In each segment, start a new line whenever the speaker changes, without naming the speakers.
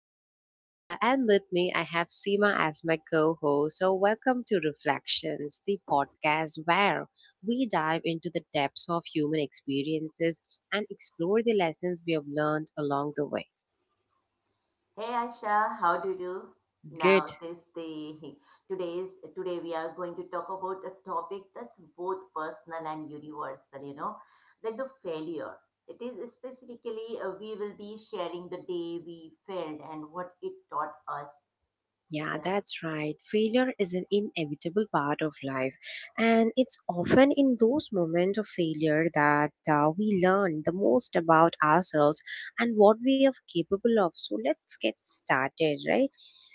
host, Asha, and with me, I have Seema as my co host. So, welcome to Reflections, the podcast where we dive into the depths of human experiences and explore the lessons we have learned along the way.
Hey Asha, how do you do?
Good.
Now this the today's Today we are going to talk about a topic that's both personal and universal, that the failure. It is specifically we will be sharing the day we failed and what it taught us.
Yeah,
Yeah.
that's right. Failure is an inevitable part of life, and it's often in those moments of failure that we learn the most about ourselves and what we are capable of. So, let's get started, right?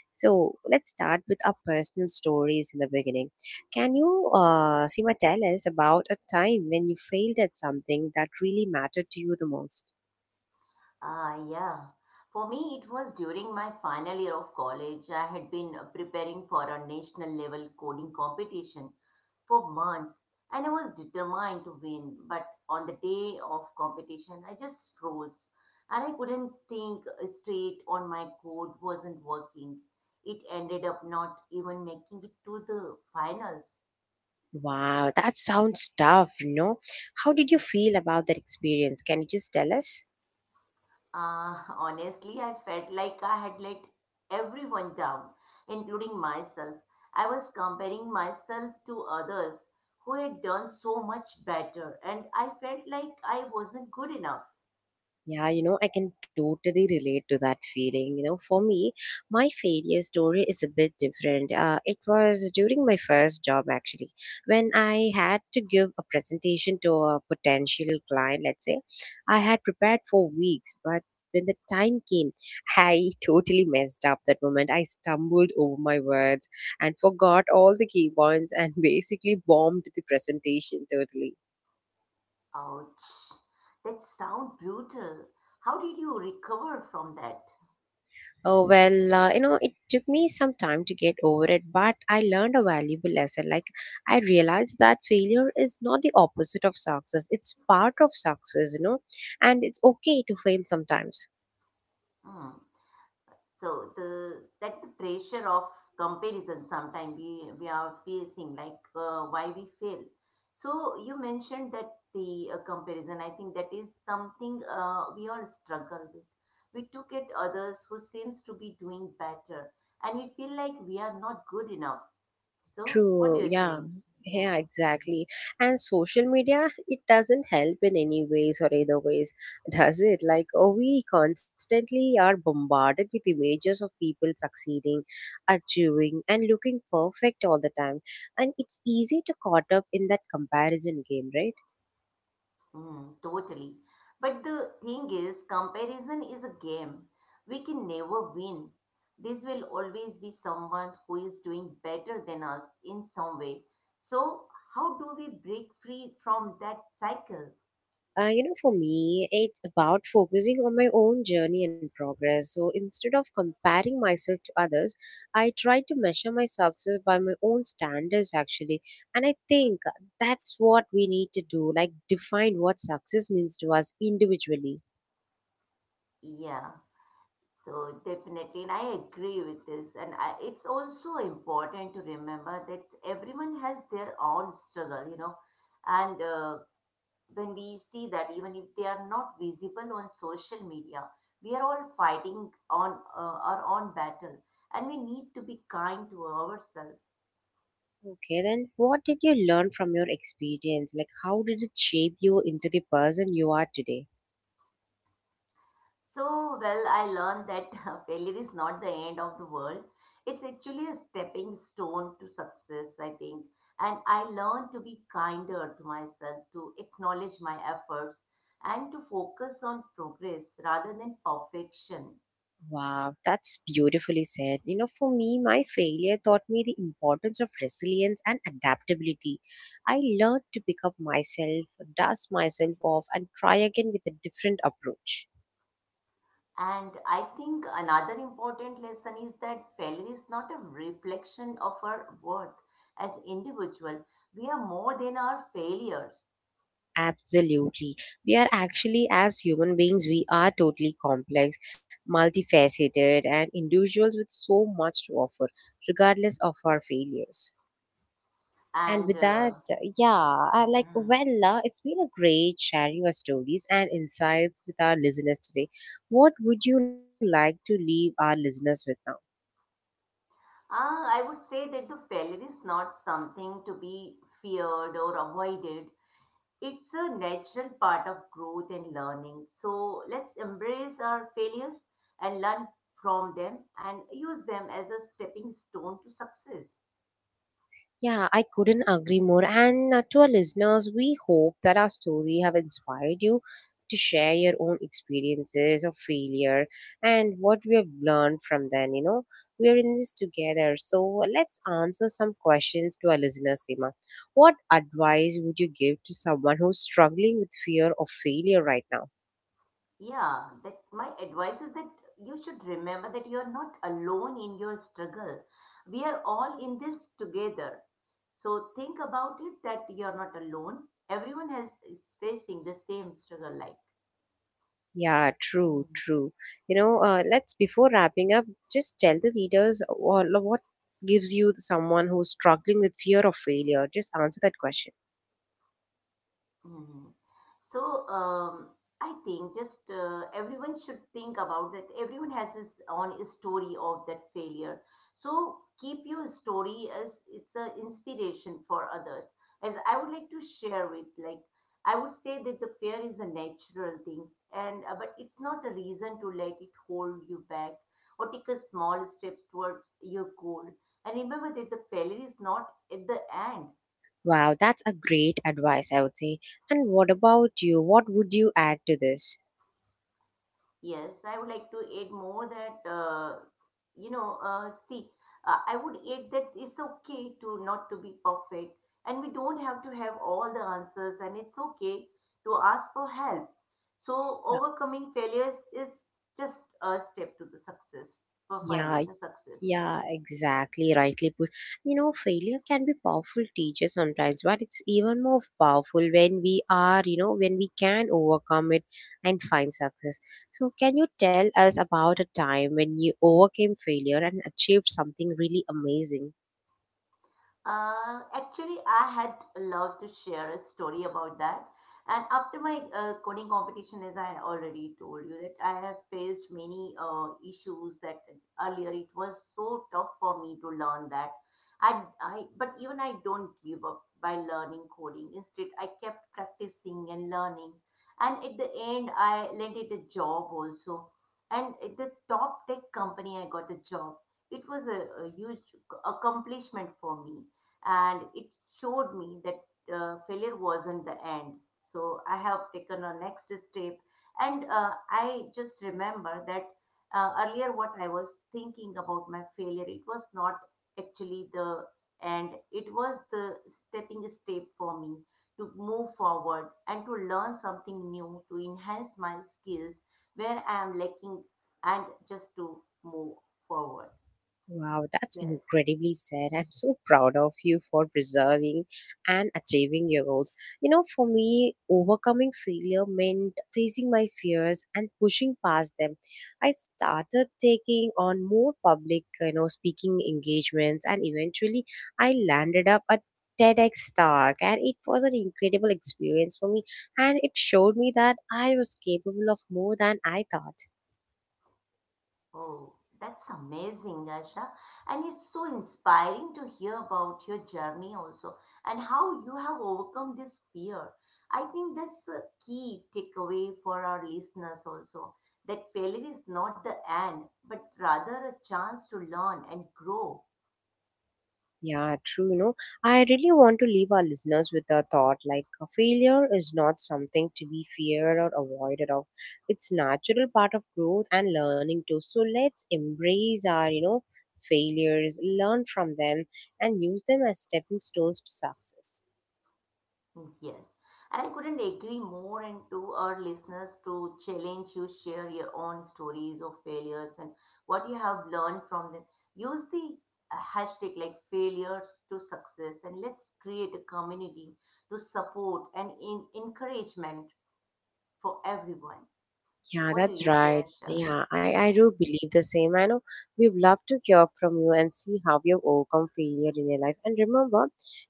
So, let's start with our personal stories in the beginning. Can you, Seema, tell us about a time when you failed at something that really mattered to you the most?
Yeah. For me, it was during my final year of college. I had been preparing for a national level coding competition for months, and I was determined to win. But on the day of competition, I just froze and I couldn't think straight on my code wasn't working. It ended up not even making it to the finals.
Wow, that sounds tough, you know. How did you feel about that experience? Can you just tell us?
Honestly, I felt like I had let everyone down, including myself. I was comparing myself to others who had done so much better, and I felt like I wasn't good enough.
Yeah, you know, I can totally relate to that feeling. You know, for me, my failure story is a bit different. It was during my first job, actually, when I had to give a presentation to a potential client, let's say. I had prepared for weeks, but when the time came, I totally messed up that moment. I stumbled over my words and forgot all the key points and basically bombed the presentation totally.
Ouch. That sound brutal. How did you recover from that?
Oh, well, you know, it took me some time to get over it, but I learned a valuable lesson. Like, I realized that failure is not the opposite of success, it's part of success, you know, and it's okay to fail sometimes.
Hmm. So the pressure of comparison, sometimes we are facing like why we fail. So you mentioned that the comparison. I think that is something we all struggle with. We look at others who seems to be doing better, and we feel like we are not good enough. So what do
True,
you
yeah.
think?
Yeah,
Yeah. Mm-hmm.
exactly. And social media, it doesn't help in any ways or either ways, does it? Like, oh, we constantly are bombarded with images of people succeeding, achieving, and looking perfect all the time. And it's easy to caught up in that comparison game, right?
Mm, totally. But the thing is, comparison is a game. We can never win. This will always be someone who is doing better than us in some way. So, how do we break free from that cycle?
You know, for me, it's about focusing on my own journey and progress. So instead of comparing myself to others, I try to measure my success by my own standards, actually. And I think that's what we need to do like, define what success means to us individually.
Yeah, so definitely, and I agree with this. And I, it's also important to remember that everyone has their own struggle, you know, and when we see that, even if they are not visible on social media, we are all fighting on our own battle, and we need to be kind to ourselves.
Okay, then what did you learn from your experience? Like, how did it shape you into the person you are today?
So well, I learned that failure is not the end of the world. It's actually a stepping stone to success, I think. And I learned to be kinder to myself, to acknowledge my efforts, and to focus on progress rather than perfection.
Wow, that's beautifully said. You know, for me, my failure taught me the importance of resilience and adaptability. I learned to pick up myself, dust myself off, and try again with a different approach.
And I think another important lesson is that failure is not a reflection of our worth as individual. We are more than our failures.
Absolutely. We are actually, as human beings, we are totally complex, multifaceted, and individuals with so much to offer, regardless of our failures. And
And
with that,
uh,
yeah, I like,
hmm,
well, it's been a great sharing your stories and insights with our listeners today. What would you like to leave our listeners with now?
I would say that the failure is not something to be feared or avoided. It's a natural part of growth and learning. So let's embrace our failures and learn from them and use them as a stepping stone to success.
Yeah, I couldn't agree more. And to our listeners, we hope that our story have inspired you to share your own experiences of failure and what we have learned from them. You know, we are in this together. So let's answer some questions to our listeners, Seema. What advice would you give to someone who's struggling with fear of failure right now?
Yeah, that my advice is that you should remember that you are not alone in your struggle. We are all in this together. So think about it, that you are not alone. Everyone has is facing the same struggle like.
Yeah, true,
Hmm.
true. You know, let's before wrapping up, just tell the readers all of what gives you the- someone who's struggling with fear of failure. Just answer that question.
Mhm. So I think just everyone should think about that. Everyone has his own story of that failure. So keep your story, as it's an inspiration for others. As I would like to share with, like, I would say that the fear is a natural thing, and but it's not a reason to let it hold you back, or take a small steps towards your goal. And remember that the failure is not at the end.
Wow, that's a great advice, I would say. And what about you? What would you add to this?
Yes, I would like to add more that, you know, see, I would add that it's okay to not to be perfect, and we don't have to have all the answers, and it's okay to ask for help. So
Yeah,
overcoming failures is just a step to the success, for
yeah,
finding the success.
Yeah,
Yes.
exactly. Rightly put. You know, failure can be powerful teacher sometimes, but it's even more powerful when we are, you know, when we can overcome it and find success. So, can you tell us about a time when you overcame failure and achieved something really amazing?
Actually, I had loved to share a story about that. And after my coding competition, as I already told you, that I have faced many issues that earlier it was so tough for me to learn that. But even I don't give up by learning coding. Instead, I kept practicing and learning. And at the end, I landed a job also. And at the top tech company, I got a job. It was a huge accomplishment for me, and it showed me that failure wasn't the end. So I have taken a next step, and I just remember that, earlier what I was thinking about my failure, it was not actually the end. It was the stepping step for me to move forward and to learn something new, to enhance my skills where I am lacking and just to move forward.
Wow, that's
Yes.
incredibly sad. I'm so proud of you for preserving and achieving your goals. You know, for me, overcoming failure meant facing my fears and pushing past them. I started taking on more public, you know, speaking engagements, and eventually I landed up at TEDx talk and it was an incredible experience for me and it showed me that I was capable of more than I thought.
Oh, that's amazing, Asha. And it's so inspiring to hear about your journey also, and how you have overcome this fear. I think that's a key takeaway for our listeners also, that failure is not the end, but rather a chance to learn and grow.
Yeah, true. You know, I really want to leave our listeners with a thought like a failure is not something to be feared or avoided of. It's natural part of growth and learning too. So let's embrace our, you know, failures, learn from them and use them as stepping stones to success.
Yes, and I couldn't agree more, and to our listeners, to challenge you, share your own stories of failures and what you have learned from them. Use the hashtag like failures to success, and let's create a community to support and in encouragement for everyone.
Yeah,
What do you
that's
say,
right.
Asha?
Yeah, I
Yeah.
do believe the same. I know we'd love to hear from you and see how you've overcome failure in your life. And remember,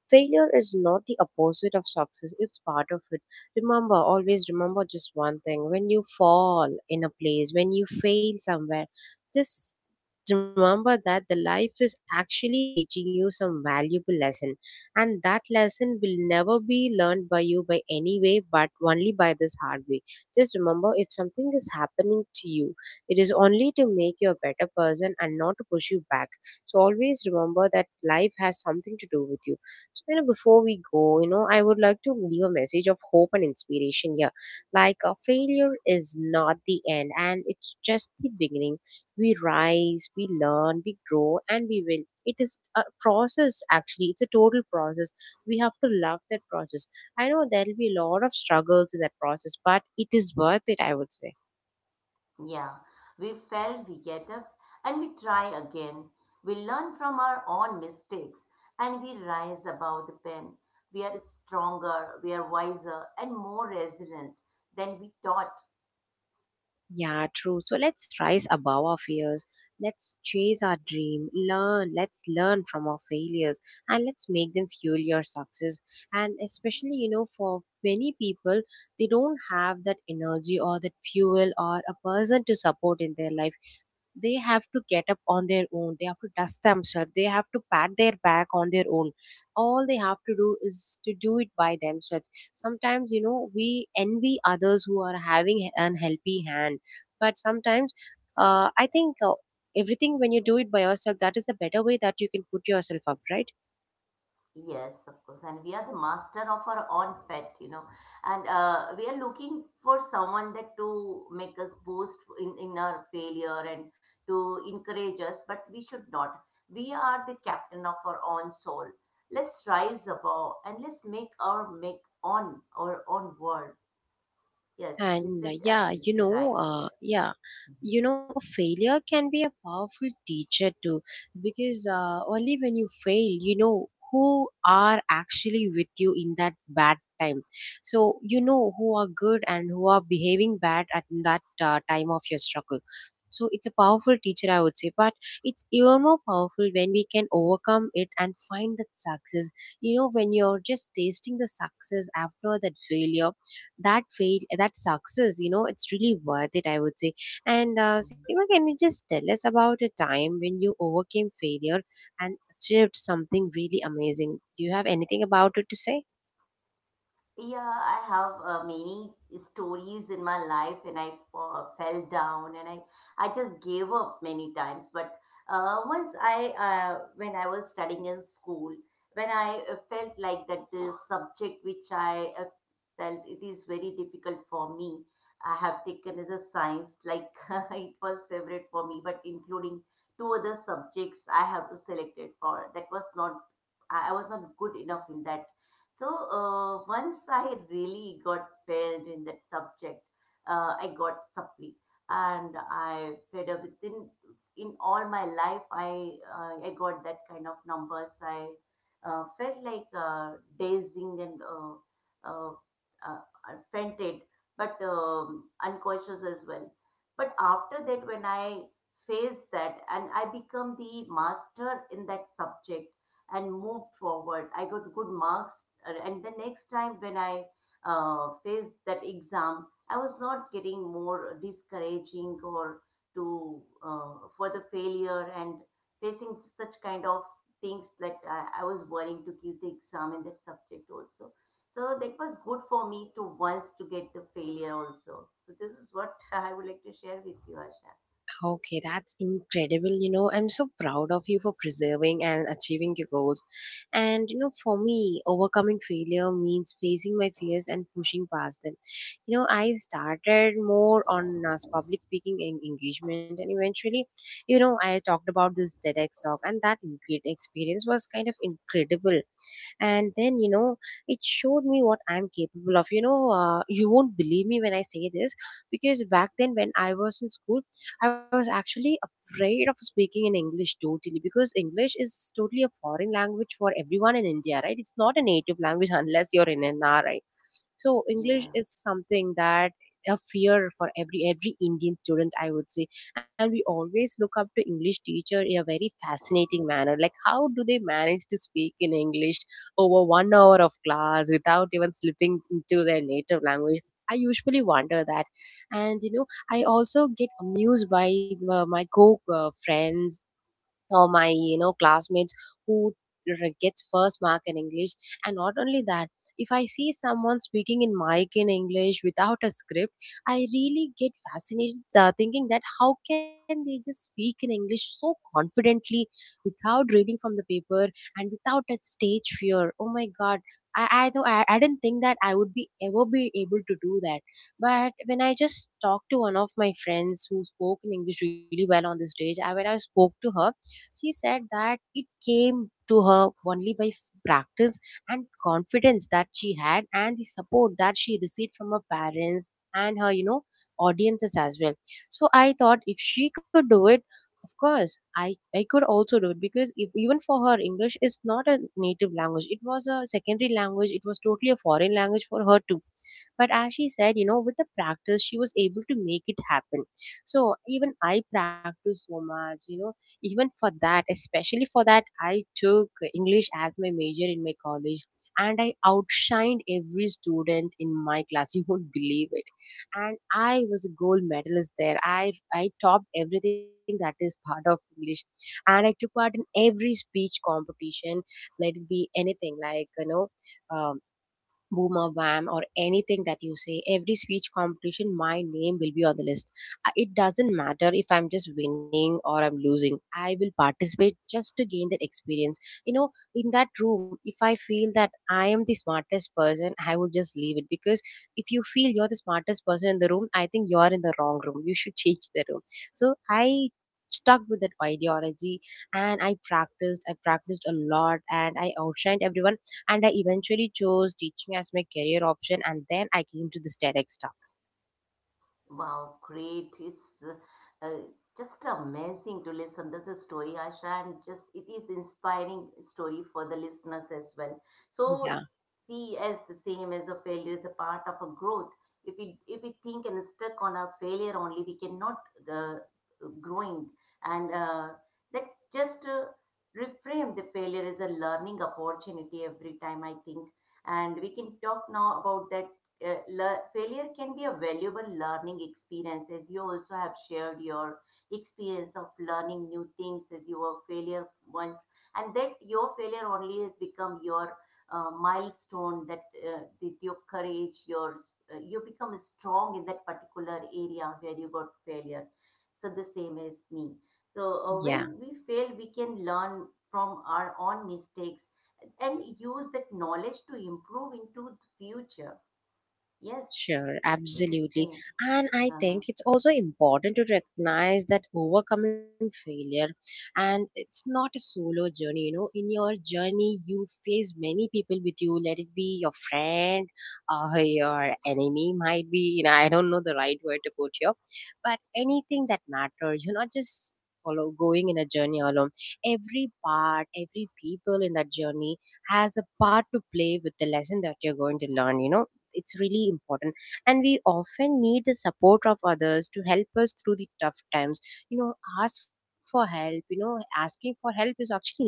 failure is not the opposite of success, it's part of it. Remember, always remember just one thing when you fall in a place, when you fail somewhere, just remember that the life is actually teaching you some valuable lesson and that lesson will never be learned by you by any way but only by this hard way. Just remember if something is happening to you, it is only to make you a better person and not to push you back. So always remember that life has something to do with you. So you know, before we go, you know, I would like to leave a message of hope and inspiration here. Like a failure is not the end and it's just the beginning. We rise, we learn, we grow, and we win. It is a process actually. It's a total process. We have to love that process. I know there'll be a lot of struggles in that process, but it is worth it, I would say.
Yeah, we fell, we get up, and we try again. We learn from our own mistakes, and we rise above the pen. We are stronger, we are wiser, and more resilient than we thought.
Yeah, true. So let's rise above our fears. Let's chase our dream. Learn. Let's learn from our failures and let's make them fuel your success. And especially, you know, for many people, they don't have that energy or that fuel or a person to support in their life. They have to get up on their own. They have to dust themselves. They have to pat their back on their own. All they have to do is to do it by themselves. Sometimes, you know, we envy others who are having an healthy hand but sometimes I think everything when you do it by yourself that is the better way that you can put yourself up, right?
Yes, of course, and we are the master of our own fat, you know, and we are looking for someone that to make us boost in our failure and to encourage us, but we should not. We are the captain of our own soul. Let's rise above and let's make our make on our own world. Yes, you
And
said absolutely right. Yes.
yeah, you know, failure can be a powerful teacher too, because only when you fail, you know who are actually with you in that bad time. So you know who are good and who are behaving bad at that time of your struggle. So it's a powerful teacher, I would say, but it's even more powerful when we can overcome it and find that success. You know, when you're just tasting the success after that failure, that fail, that success, you know, it's really worth it, I would say. And Seema, can you just tell us about a time when you overcame failure and achieved something really amazing? Do you have anything about it to say?
Yeah, I have many stories in my life, and I fell down, and I just gave up many times. But once I when I was studying in school, when I felt like that the subject which I felt it is very difficult for me, I have taken as a science, like it was favorite for me, but including two other subjects, I have to select it for. That was not, I was not good enough in that. So once I really got failed in that subject, I got supply, and I fed up within in all my life. I got that kind of numbers. I felt like dazing and uh, I fainted, but unconscious as well. But after that, when I faced that and I become the master in that subject and moved forward. I got good marks, and the next time when I faced that exam, I was not getting more discouraging or to for the failure and facing such kind of things that I was worrying to give the exam in that subject also. So that was good for me to once to get the failure also. So this is what I would like to share with you, Asha.
Okay, that's incredible. You know, I'm so proud of you for preserving and achieving your goals. And, you know, for me, overcoming failure means facing my fears and pushing past them. You know, I started more on public speaking and engagement, and eventually, you know, I talked about this TEDx talk, and that experience was kind of incredible. And then, you know, it showed me what I'm capable of. You know, you won't believe me when I say this, because back then when I was in school, I was actually afraid of speaking in English totally, because English is totally a foreign language for everyone in India, right? It's not a native language unless you're in an, right? So English
Yeah.
is something that a fear for every Indian student, I would say. And we always look up to English teacher in a very fascinating manner, like how do they manage to speak in English over 1 hour of class without even slipping into their native language. I usually wonder that. And, you know, I also get amused by my co friends or my classmates who gets first mark in English. And not only that, if I see someone speaking in mic in English without a script, I really get fascinated thinking that how can they just speak in English so confidently without reading from the paper and without that stage fear. Oh my god, though I didn't think that I would be ever be able to do that. But when I just talked to one of my friends who spoke in English really well on the stage, when I spoke to her, she said that it came to her only by practice and confidence that she had, and the support that she received from her parents and her audiences as well. So I thought, if she could do it, of course I could also do it, because if even for her English is not a native language, it was a secondary language, it was totally a foreign language for her to. But as she said, you know, with the practice, she was able to make it happen. So even I practiced so much, you know, even for that, especially for that, I took English as my major in my college. And I outshined every student in my class. You won't believe it. And I was a gold medalist there. I topped everything that is part of English. And I took part in every speech competition, let it be anything like, you know, um, boom or bam or anything that you say. Every speech competition my name will be on the list. It doesn't matter if I'm just winning or I'm losing, I will participate just to gain that experience, you know. In that room, if I feel that I am the smartest person, I would just leave it, because if you feel you're the smartest person in the room, I think you're in the wrong room. You should change the room. So I stuck with that ideology, and I practiced, I practiced a lot, and I outshined everyone. And I eventually chose teaching as my career option, and then I came to this TEDx talk.
Wow, great. It's just amazing to listen. This is story, Asha, and just it is inspiring story for the listeners as well. So
Yeah.
see as the same as a failure is a part of a growth. If we think and stuck on our failure only, we cannot uh, growing. And that just Reframe the failure as a learning opportunity every time, I think. And we can talk now about that failure can be a valuable learning experience, as you also have shared your experience of learning new things as you were failure once, and that your failure only has become your milestone, that that your courage, your you become strong in that particular area where you got failure. So the same as me. So
Yeah.
when we fail we can learn from our own mistakes and use that knowledge to improve into the future. Yes,
Sure,
do the
absolutely.
same.
And I
Uh-huh.
think it's also important to recognize that overcoming failure, and it's not a solo journey, you know. In your journey, you face many people with you, let it be your friend or your enemy, might be, you know, I don't know the right word to put here, but anything that matters, you're not just follow, going in a journey alone. Every part, every people in that journey has a part to play with the lesson that you're going to learn. It's really important, and we often need the support of others to help us through the tough times. you know Ask for help. Asking for help is actually needed.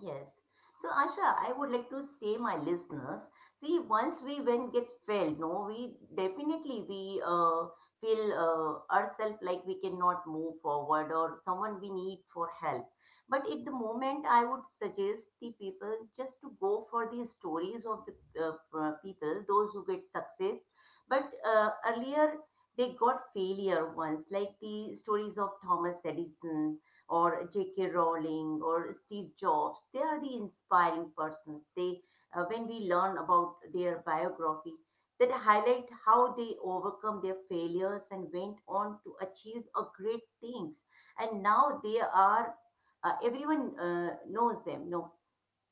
Yes. So, Asha, I would like to say, my listeners, see, once we when get failed, no, we definitely we feel ourselves like we cannot move forward or someone we need for help. But at the moment, I would suggest the people just to go for the stories of the people, those who get success. But earlier, they got failure once, like the stories of Thomas Edison or J.K. Rowling or Steve Jobs. They are the inspiring persons. They, when we learn about their biography, that highlight how they overcome their failures and went on to achieve a great things. And now they are, everyone knows them. No,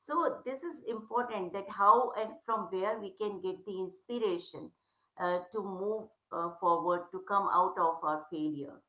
so this is important that how and from where we can get the inspiration to move forward to come out of our failure.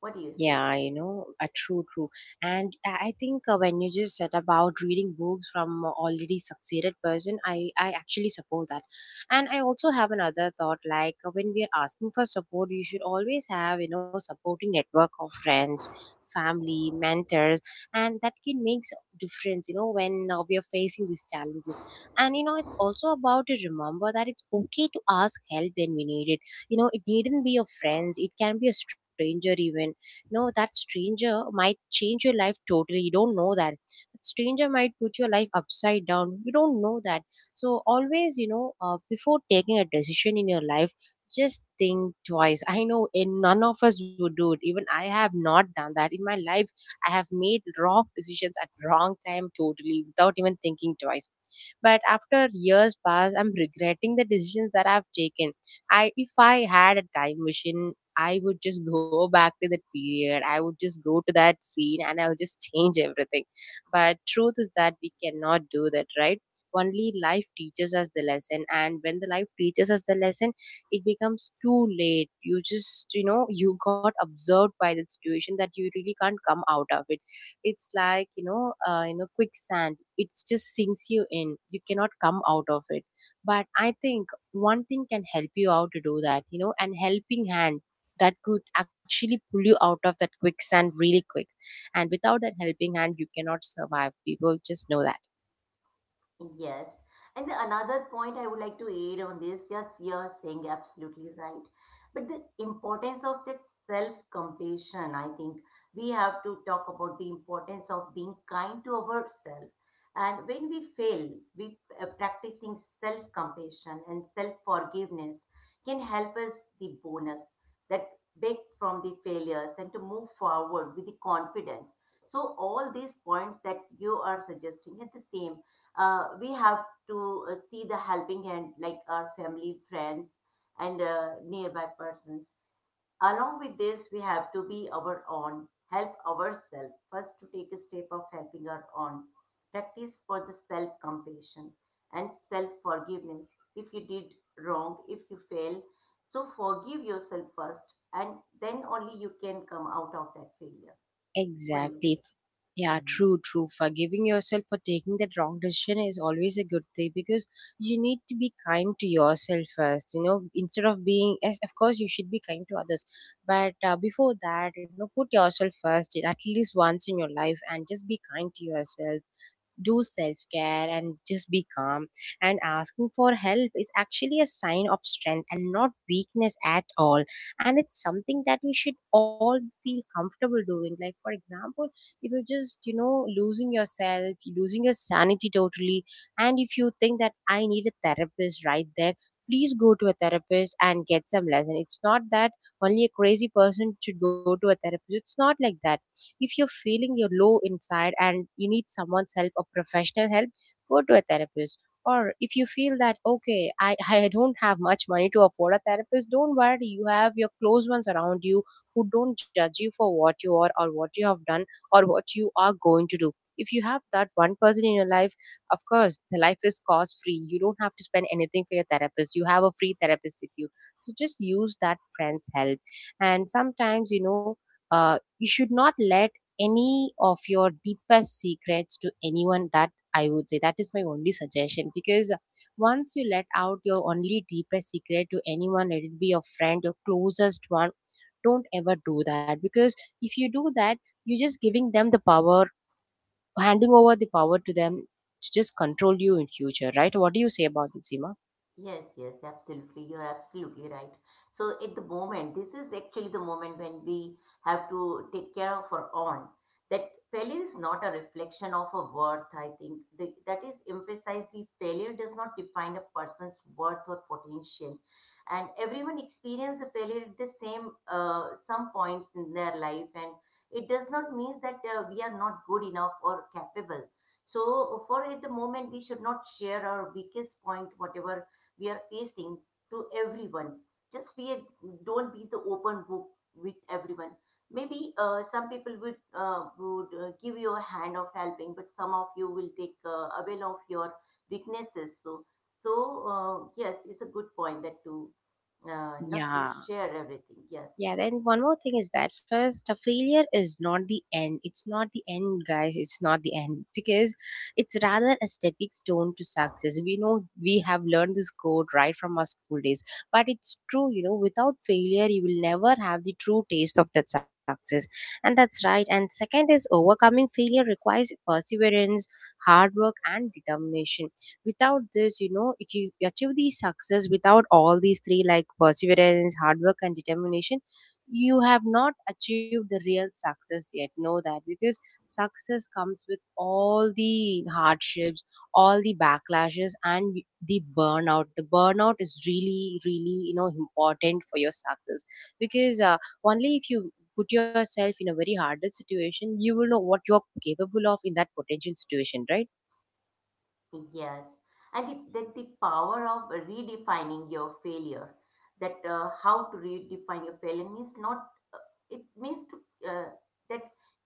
What do you
Yeah,
say?
you know, true, true. And I think when you just said about reading books from a already succeeded person, I actually support that. And I also have another thought, like when we are asking for support, you should always have, you know, supporting network of friends, family, mentors, and that can make difference, you know, when we are facing these challenges. And, you know, it's also about to remember that it's okay to ask help when we need it. You know, it needn't be your friends. It can be a stranger even. No, that stranger might change your life totally. You don't know that. That stranger might put your life upside down. You don't know that. So always, before taking a decision in your life, just think twice. I know in none of us would do it, even I have not done that in my life. I have made wrong decisions at wrong time totally without even thinking twice. But after years pass, I'm regretting the decisions that I've taken. I If I had a time machine, I would just go back to that period. I would just go to that scene and I'll just change everything. But truth is that we cannot do that, right? Only life teaches us the lesson. And when the life teaches us the lesson, it becomes too late. You just, you got observed by the situation that you really can't come out of it. It's like, quicksand. It just sinks you in. You cannot come out of it. But I think one thing can help you out to do that, an helping hand that could actually pull you out of that quicksand really quick. And without that helping hand, you cannot survive. People just know that.
Yes. And the another point I would like to add on this, yes, you're saying absolutely right. But the importance of that self-compassion, I think we have to talk about the importance of being kind to ourselves. And when we fail, we practicing self-compassion and self-forgiveness can help us the bonus that back from the failures and to move forward with the confidence. So all these points that you are suggesting at the same we have to see the helping hand like our family friends and nearby persons, along with this we have to be our own, help ourselves first to take a step of helping our own, practice for the self compassion and self forgiveness. If you did wrong, if you fail, so forgive yourself first and then only you can come out of that failure. What do you
Exactly.
say?
Yeah, true, true. Forgiving yourself for taking that wrong decision is always a good thing, because you need to be kind to yourself first. You know, instead of being, yes, of course, you should be kind to others, but before that, put yourself first at least once in your life and just be kind to yourself. Do self care and just be calm. And asking for help is actually a sign of strength and not weakness at all. And it's something that we should all feel comfortable doing. Like, for example, if you're just, losing yourself, losing your sanity totally, and if you think that I need a therapist right there, please go to a therapist and get some lesson. It's not that only a crazy person should go to a therapist. It's not like that. If you're feeling you're low inside and you need someone's help or professional help, go to a therapist. Or if you feel that okay, I don't have much money to afford a therapist, don't worry, you have your close ones around you who don't judge you for what you are or what you have done or what you are going to do. If you have that one person in your life, of course the life is cost free, you don't have to spend anything for your therapist, you have a free therapist with you. So just use that friend's help. And sometimes, uh, you should not let any of your deepest secrets to anyone. That, I would say, that is my only suggestion, because once you let out your only deepest secret to anyone, let it be your friend, your closest one, don't ever do that. Because if you do that, you're just giving them the power, handing over the power to them to just control you in future, right? What do you say about this, Seema?
Yes, yes, absolutely. You're absolutely right. So at the moment, this is actually the moment when we have to take care of our own. That failure is not a reflection of a worth, I think. That is emphasized. The failure does not define a person's worth or potential. And everyone experiences the failure at the same some points in their life, and it does not mean that we are not good enough or capable. So, for at the moment, we should not share our weakest point, whatever we are facing, to everyone. Just be a, don't be the open book with everyone. Maybe some people would give you a hand of helping, but some of you will take avail of your weaknesses. So yes, it's a good point that to not to
Yeah.
share everything. Yes,
Yeah, then one more thing is that first, a failure is not the end. It's not the end, guys. It's not the end, because it's rather a stepping stone to success. We know we have learned this code right from our school days, but it's true, you know, without failure, you will never have the true taste of that success. And that's right. And second is overcoming failure requires perseverance, hard work, and determination. Without this, you know, if you achieve the success without all these three, like perseverance, hard work, and determination, you have not achieved the real success yet, know that, because success comes with all the hardships, all the backlashes, and the burnout. The burnout is really really important for your success, because only if you put yourself in a very harder situation, you will know what you're capable of in that potential situation, right?
yes, and it, that the power of redefining your failure, that how to redefine your failure means not, it means to that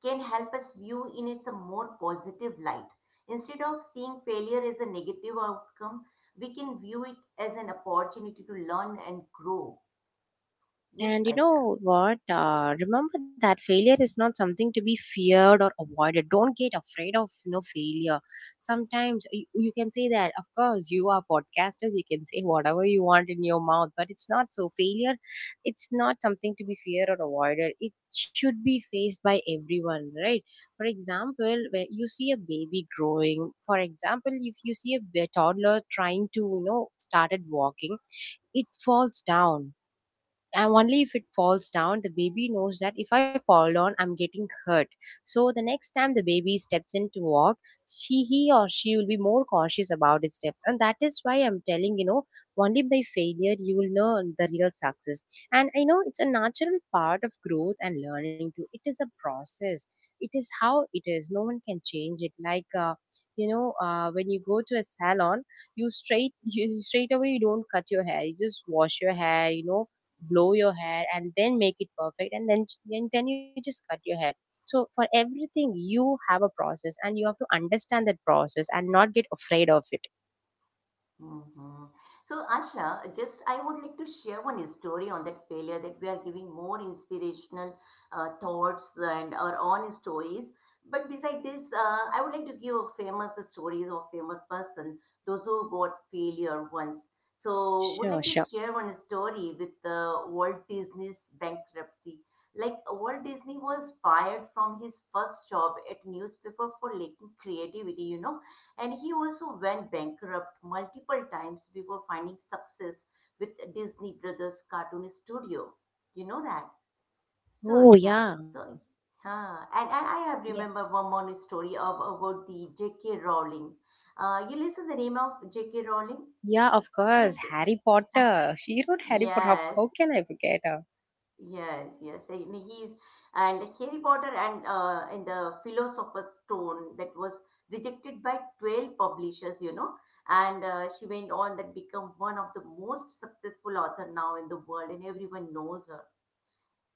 can help us view in its a more positive light. Instead of seeing failure as a negative outcome, we can view it as an opportunity to learn and grow. Yes,
And you
Aisha.
know what? Remember that failure is not something to be feared or avoided. Don't get afraid of failure. Sometimes you can say that. Of course, you are podcasters. You can say whatever you want in your mouth, but it's not so. Failure, it's not something to be feared or avoided. It should be faced by everyone, right? For example, where you see a baby growing. For example, if you see a toddler trying to started walking, it falls down, and only if it falls down the baby knows that if I fall down I'm getting hurt. So the next time the baby steps in to walk, she he or she will be more cautious about its step. And that is why I'm telling, only by failure you will know the real success. And I know it's a natural part of growth and learning too. It is a process. It is how it is. No one can change it. Like when you go to a salon, you straight you straight away, you don't cut your hair, you just wash your hair, blow your hair and then make it perfect and then then you just cut your hair. So for everything you have a process, and you have to understand that process and not get afraid of it.
Hmm. So, Asha, just I would like to share one story on that failure, that we are giving more inspirational thoughts and our own stories. But beside this, I would like to give famous stories of famous person, those who got failure once. So, would
Sure,
like to
sure.
share one story with Walt Disney's bankruptcy. Like Walt Disney was fired from his first job at newspaper for lacking creativity, you know, and he also went bankrupt multiple times before finding success with Disney Brothers Cartoon Studio. You know that? So,
Oh
yeah.
yeah.
So, huh. And I
Yeah,
have remember one more story of, about the J.K. Rowling. You listen the name of J.K. Rowling?
yeah, of
He's,
course. Harry Potter, she wrote Harry Potter. how
yes.
how can I forget her?
Yes, yes. And he's and Harry Potter and the Philosopher's Stone that was rejected by 12 publishers, you know. And she went on that become one of the most successful author now in the world, and everyone knows her.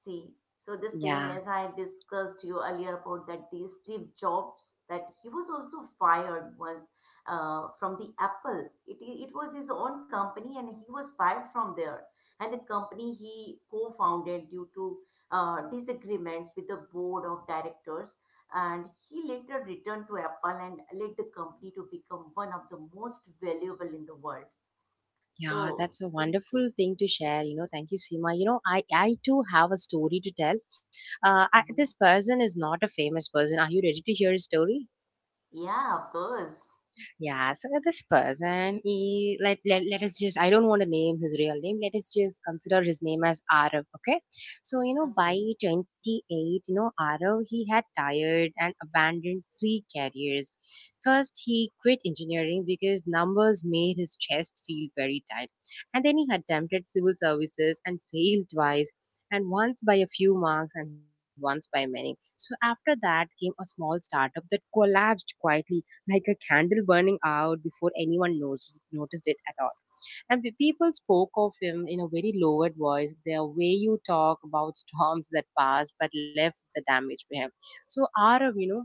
See, so the same
Yeah,
as I discussed you earlier about that the Steve Jobs, that he was also fired once from the Apple. It was his own company and he was fired from there. And the company he co-founded due to disagreements with the board of directors. And he later returned to Apple and led the company to become one of the most valuable in the world.
yeah,
So
that's a
this
wonderful
this
thing to share. You know, thank you, Seema. You know, I too have a story to tell. This
Mhm.
person is not a famous person. Are you ready to hear his story?
Yeah, of course.
Yeah, so this person, he let, let let us just I don't want to name his real name. Let us just consider his name as Arav. Okay, so by
Okay.
28, Arav he had tired and abandoned three careers. First, he quit engineering because numbers made his chest feel very tight, and then he attempted civil services and failed twice. And once by a few marks, and once by many. So after that came a small startup that collapsed quietly like a candle burning out before anyone noticed it at all. And people spoke of him in a very lowered voice, the way you talk about storms that passed but left the damage behind. So Arav, you know,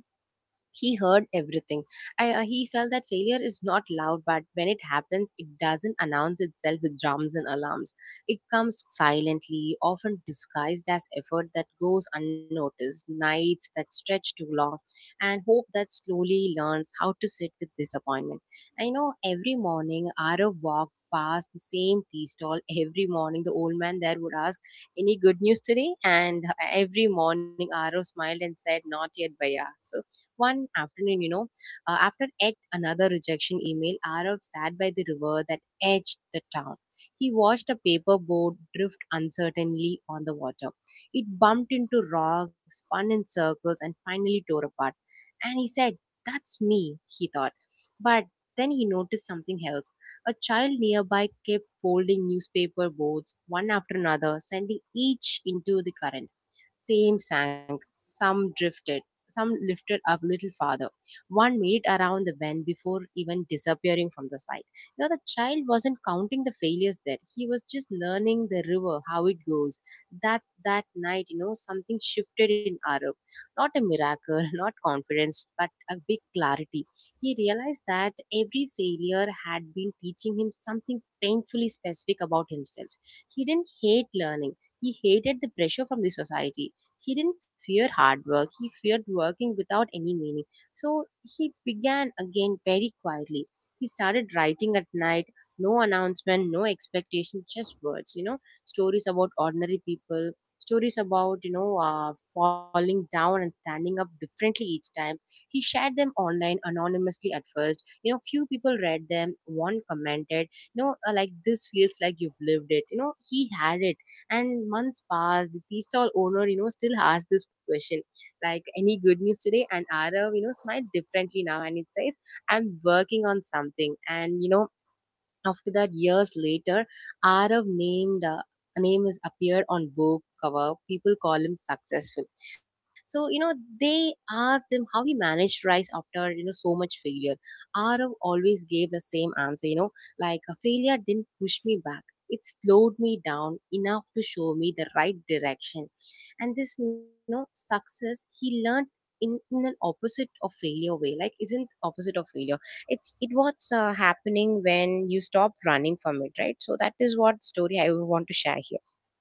he heard everything. He felt that failure is not loud, but when it happens, it doesn't announce itself with drums and alarms. It comes silently, often disguised as effort that goes unnoticed, nights that stretch too long, and hope that slowly learns how to sit with disappointment. I know every morning, Arav walked past the same tea stall. Every morning the old man there would ask, any good news today? And every morning Arav smiled and said, not yet bhaiya. So one afternoon, you know, after yet another rejection email, Arav sat by the river that edged the town. He watched a paper boat drift uncertainly on the water. It bumped into rocks, spun in circles, and finally tore apart. And he said, that's me, he thought. But then he noticed something else. A child nearby kept folding newspaper boards one after another, sending each into the current. Same sank, some drifted, some lifted up little farther. One made it around the bend before even disappearing from the sight. You know, the child wasn't counting the failures there. He was just learning the river, how it goes. That night, you know, something shifted in Arup. Not a miracle, not confidence, but a big clarity. He realized that every failure had been teaching him something painfully specific about himself. He didn't hate learning. He hated the pressure from the society. He didn't fear hard work, he feared working without any meaning. So he began again very quietly. He started writing at night, no announcement, no expectation, just words, you know, stories about ordinary people, stories about, you know, falling down and standing up differently each time. He shared them online anonymously at first. You know, few people read them, one commented, you know, like, this feels like you've lived it. You know, he had it, and months passed. The tea stall owner, you know, still asked this question, like, any good news today? And Arav, you know, smiled differently now, and it says, I'm working on something. And you know, after that, years later, Arav named a name is appeared on book cover. People call him successful. So you know they asked him how he managed rise after, you know, so much failure. Arav always gave the same answer. You know, like, a failure didn't push me back. It slowed me down enough to show me the right direction. And this, you know, success he learned in an opposite of failure way. Like, isn't opposite of failure, it's it what's happening when you stop running from it, right? So that is what story I would want to share here.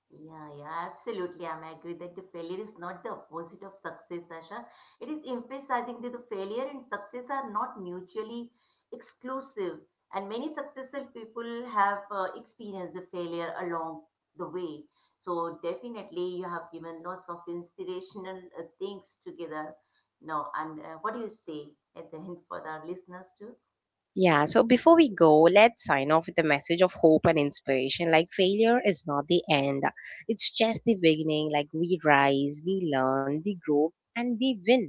Yeah, yeah, absolutely. I'm agree that the failure is not the opposite of success, Asha. It is emphasizing that the failure and success are not mutually exclusive. And many successful people have experienced the failure along the way. So definitely, you have given lots of inspirational things together. Now, and what do you say at the end for our listeners too?
Yeah, so before we go, let's sign off with a message of hope and inspiration. Like, failure is not the end, it's just the beginning. Like, we rise, we learn, we grow and we win.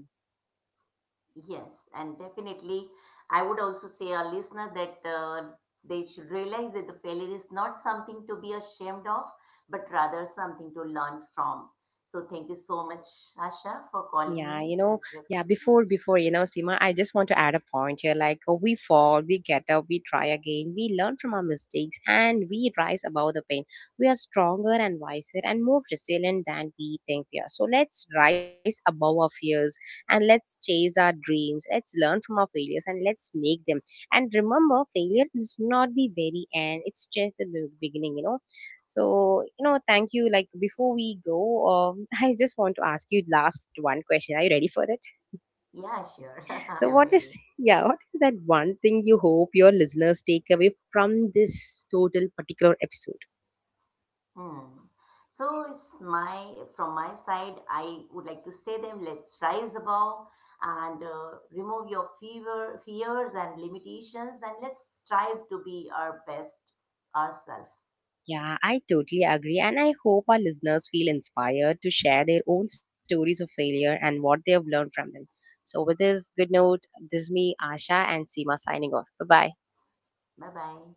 Yes, and definitely, I would also say our listeners that they should realize that the failure is not something to be ashamed of, but rather something to learn from. So thank you so much, Asha, for
Yeah,
calling
you
me
know,
as your
yeah, before
co-host.
before, you know, Seema, I just want to add a point here. Like, we fall, we get up, we try again, we learn from our mistakes and we rise above the pain. We are stronger and wiser and more resilient than we think we are. So let's rise above our fears and let's chase our dreams. Let's learn from our failures and let's make them. And remember, failure is not the very end, it's just the beginning, you know. So, you know, thank you. Like, before we go, I just want to ask you last one question. Are you ready for it?
Yeah, sure,
So,
I'm
what is
ready.
yeah, what is that one thing you hope your listeners take away from this total particular episode?
Hmm. So it's my from my side, I would like to say them. Let's rise above and remove your fever, fears and limitations, and let's strive to be our best ourselves.
Yeah, I totally agree, and I hope our listeners feel inspired to share their own stories of failure and what they have learned from them. So, with this good note, this is me, Asha, and Seema signing off. Bye bye.
Bye bye.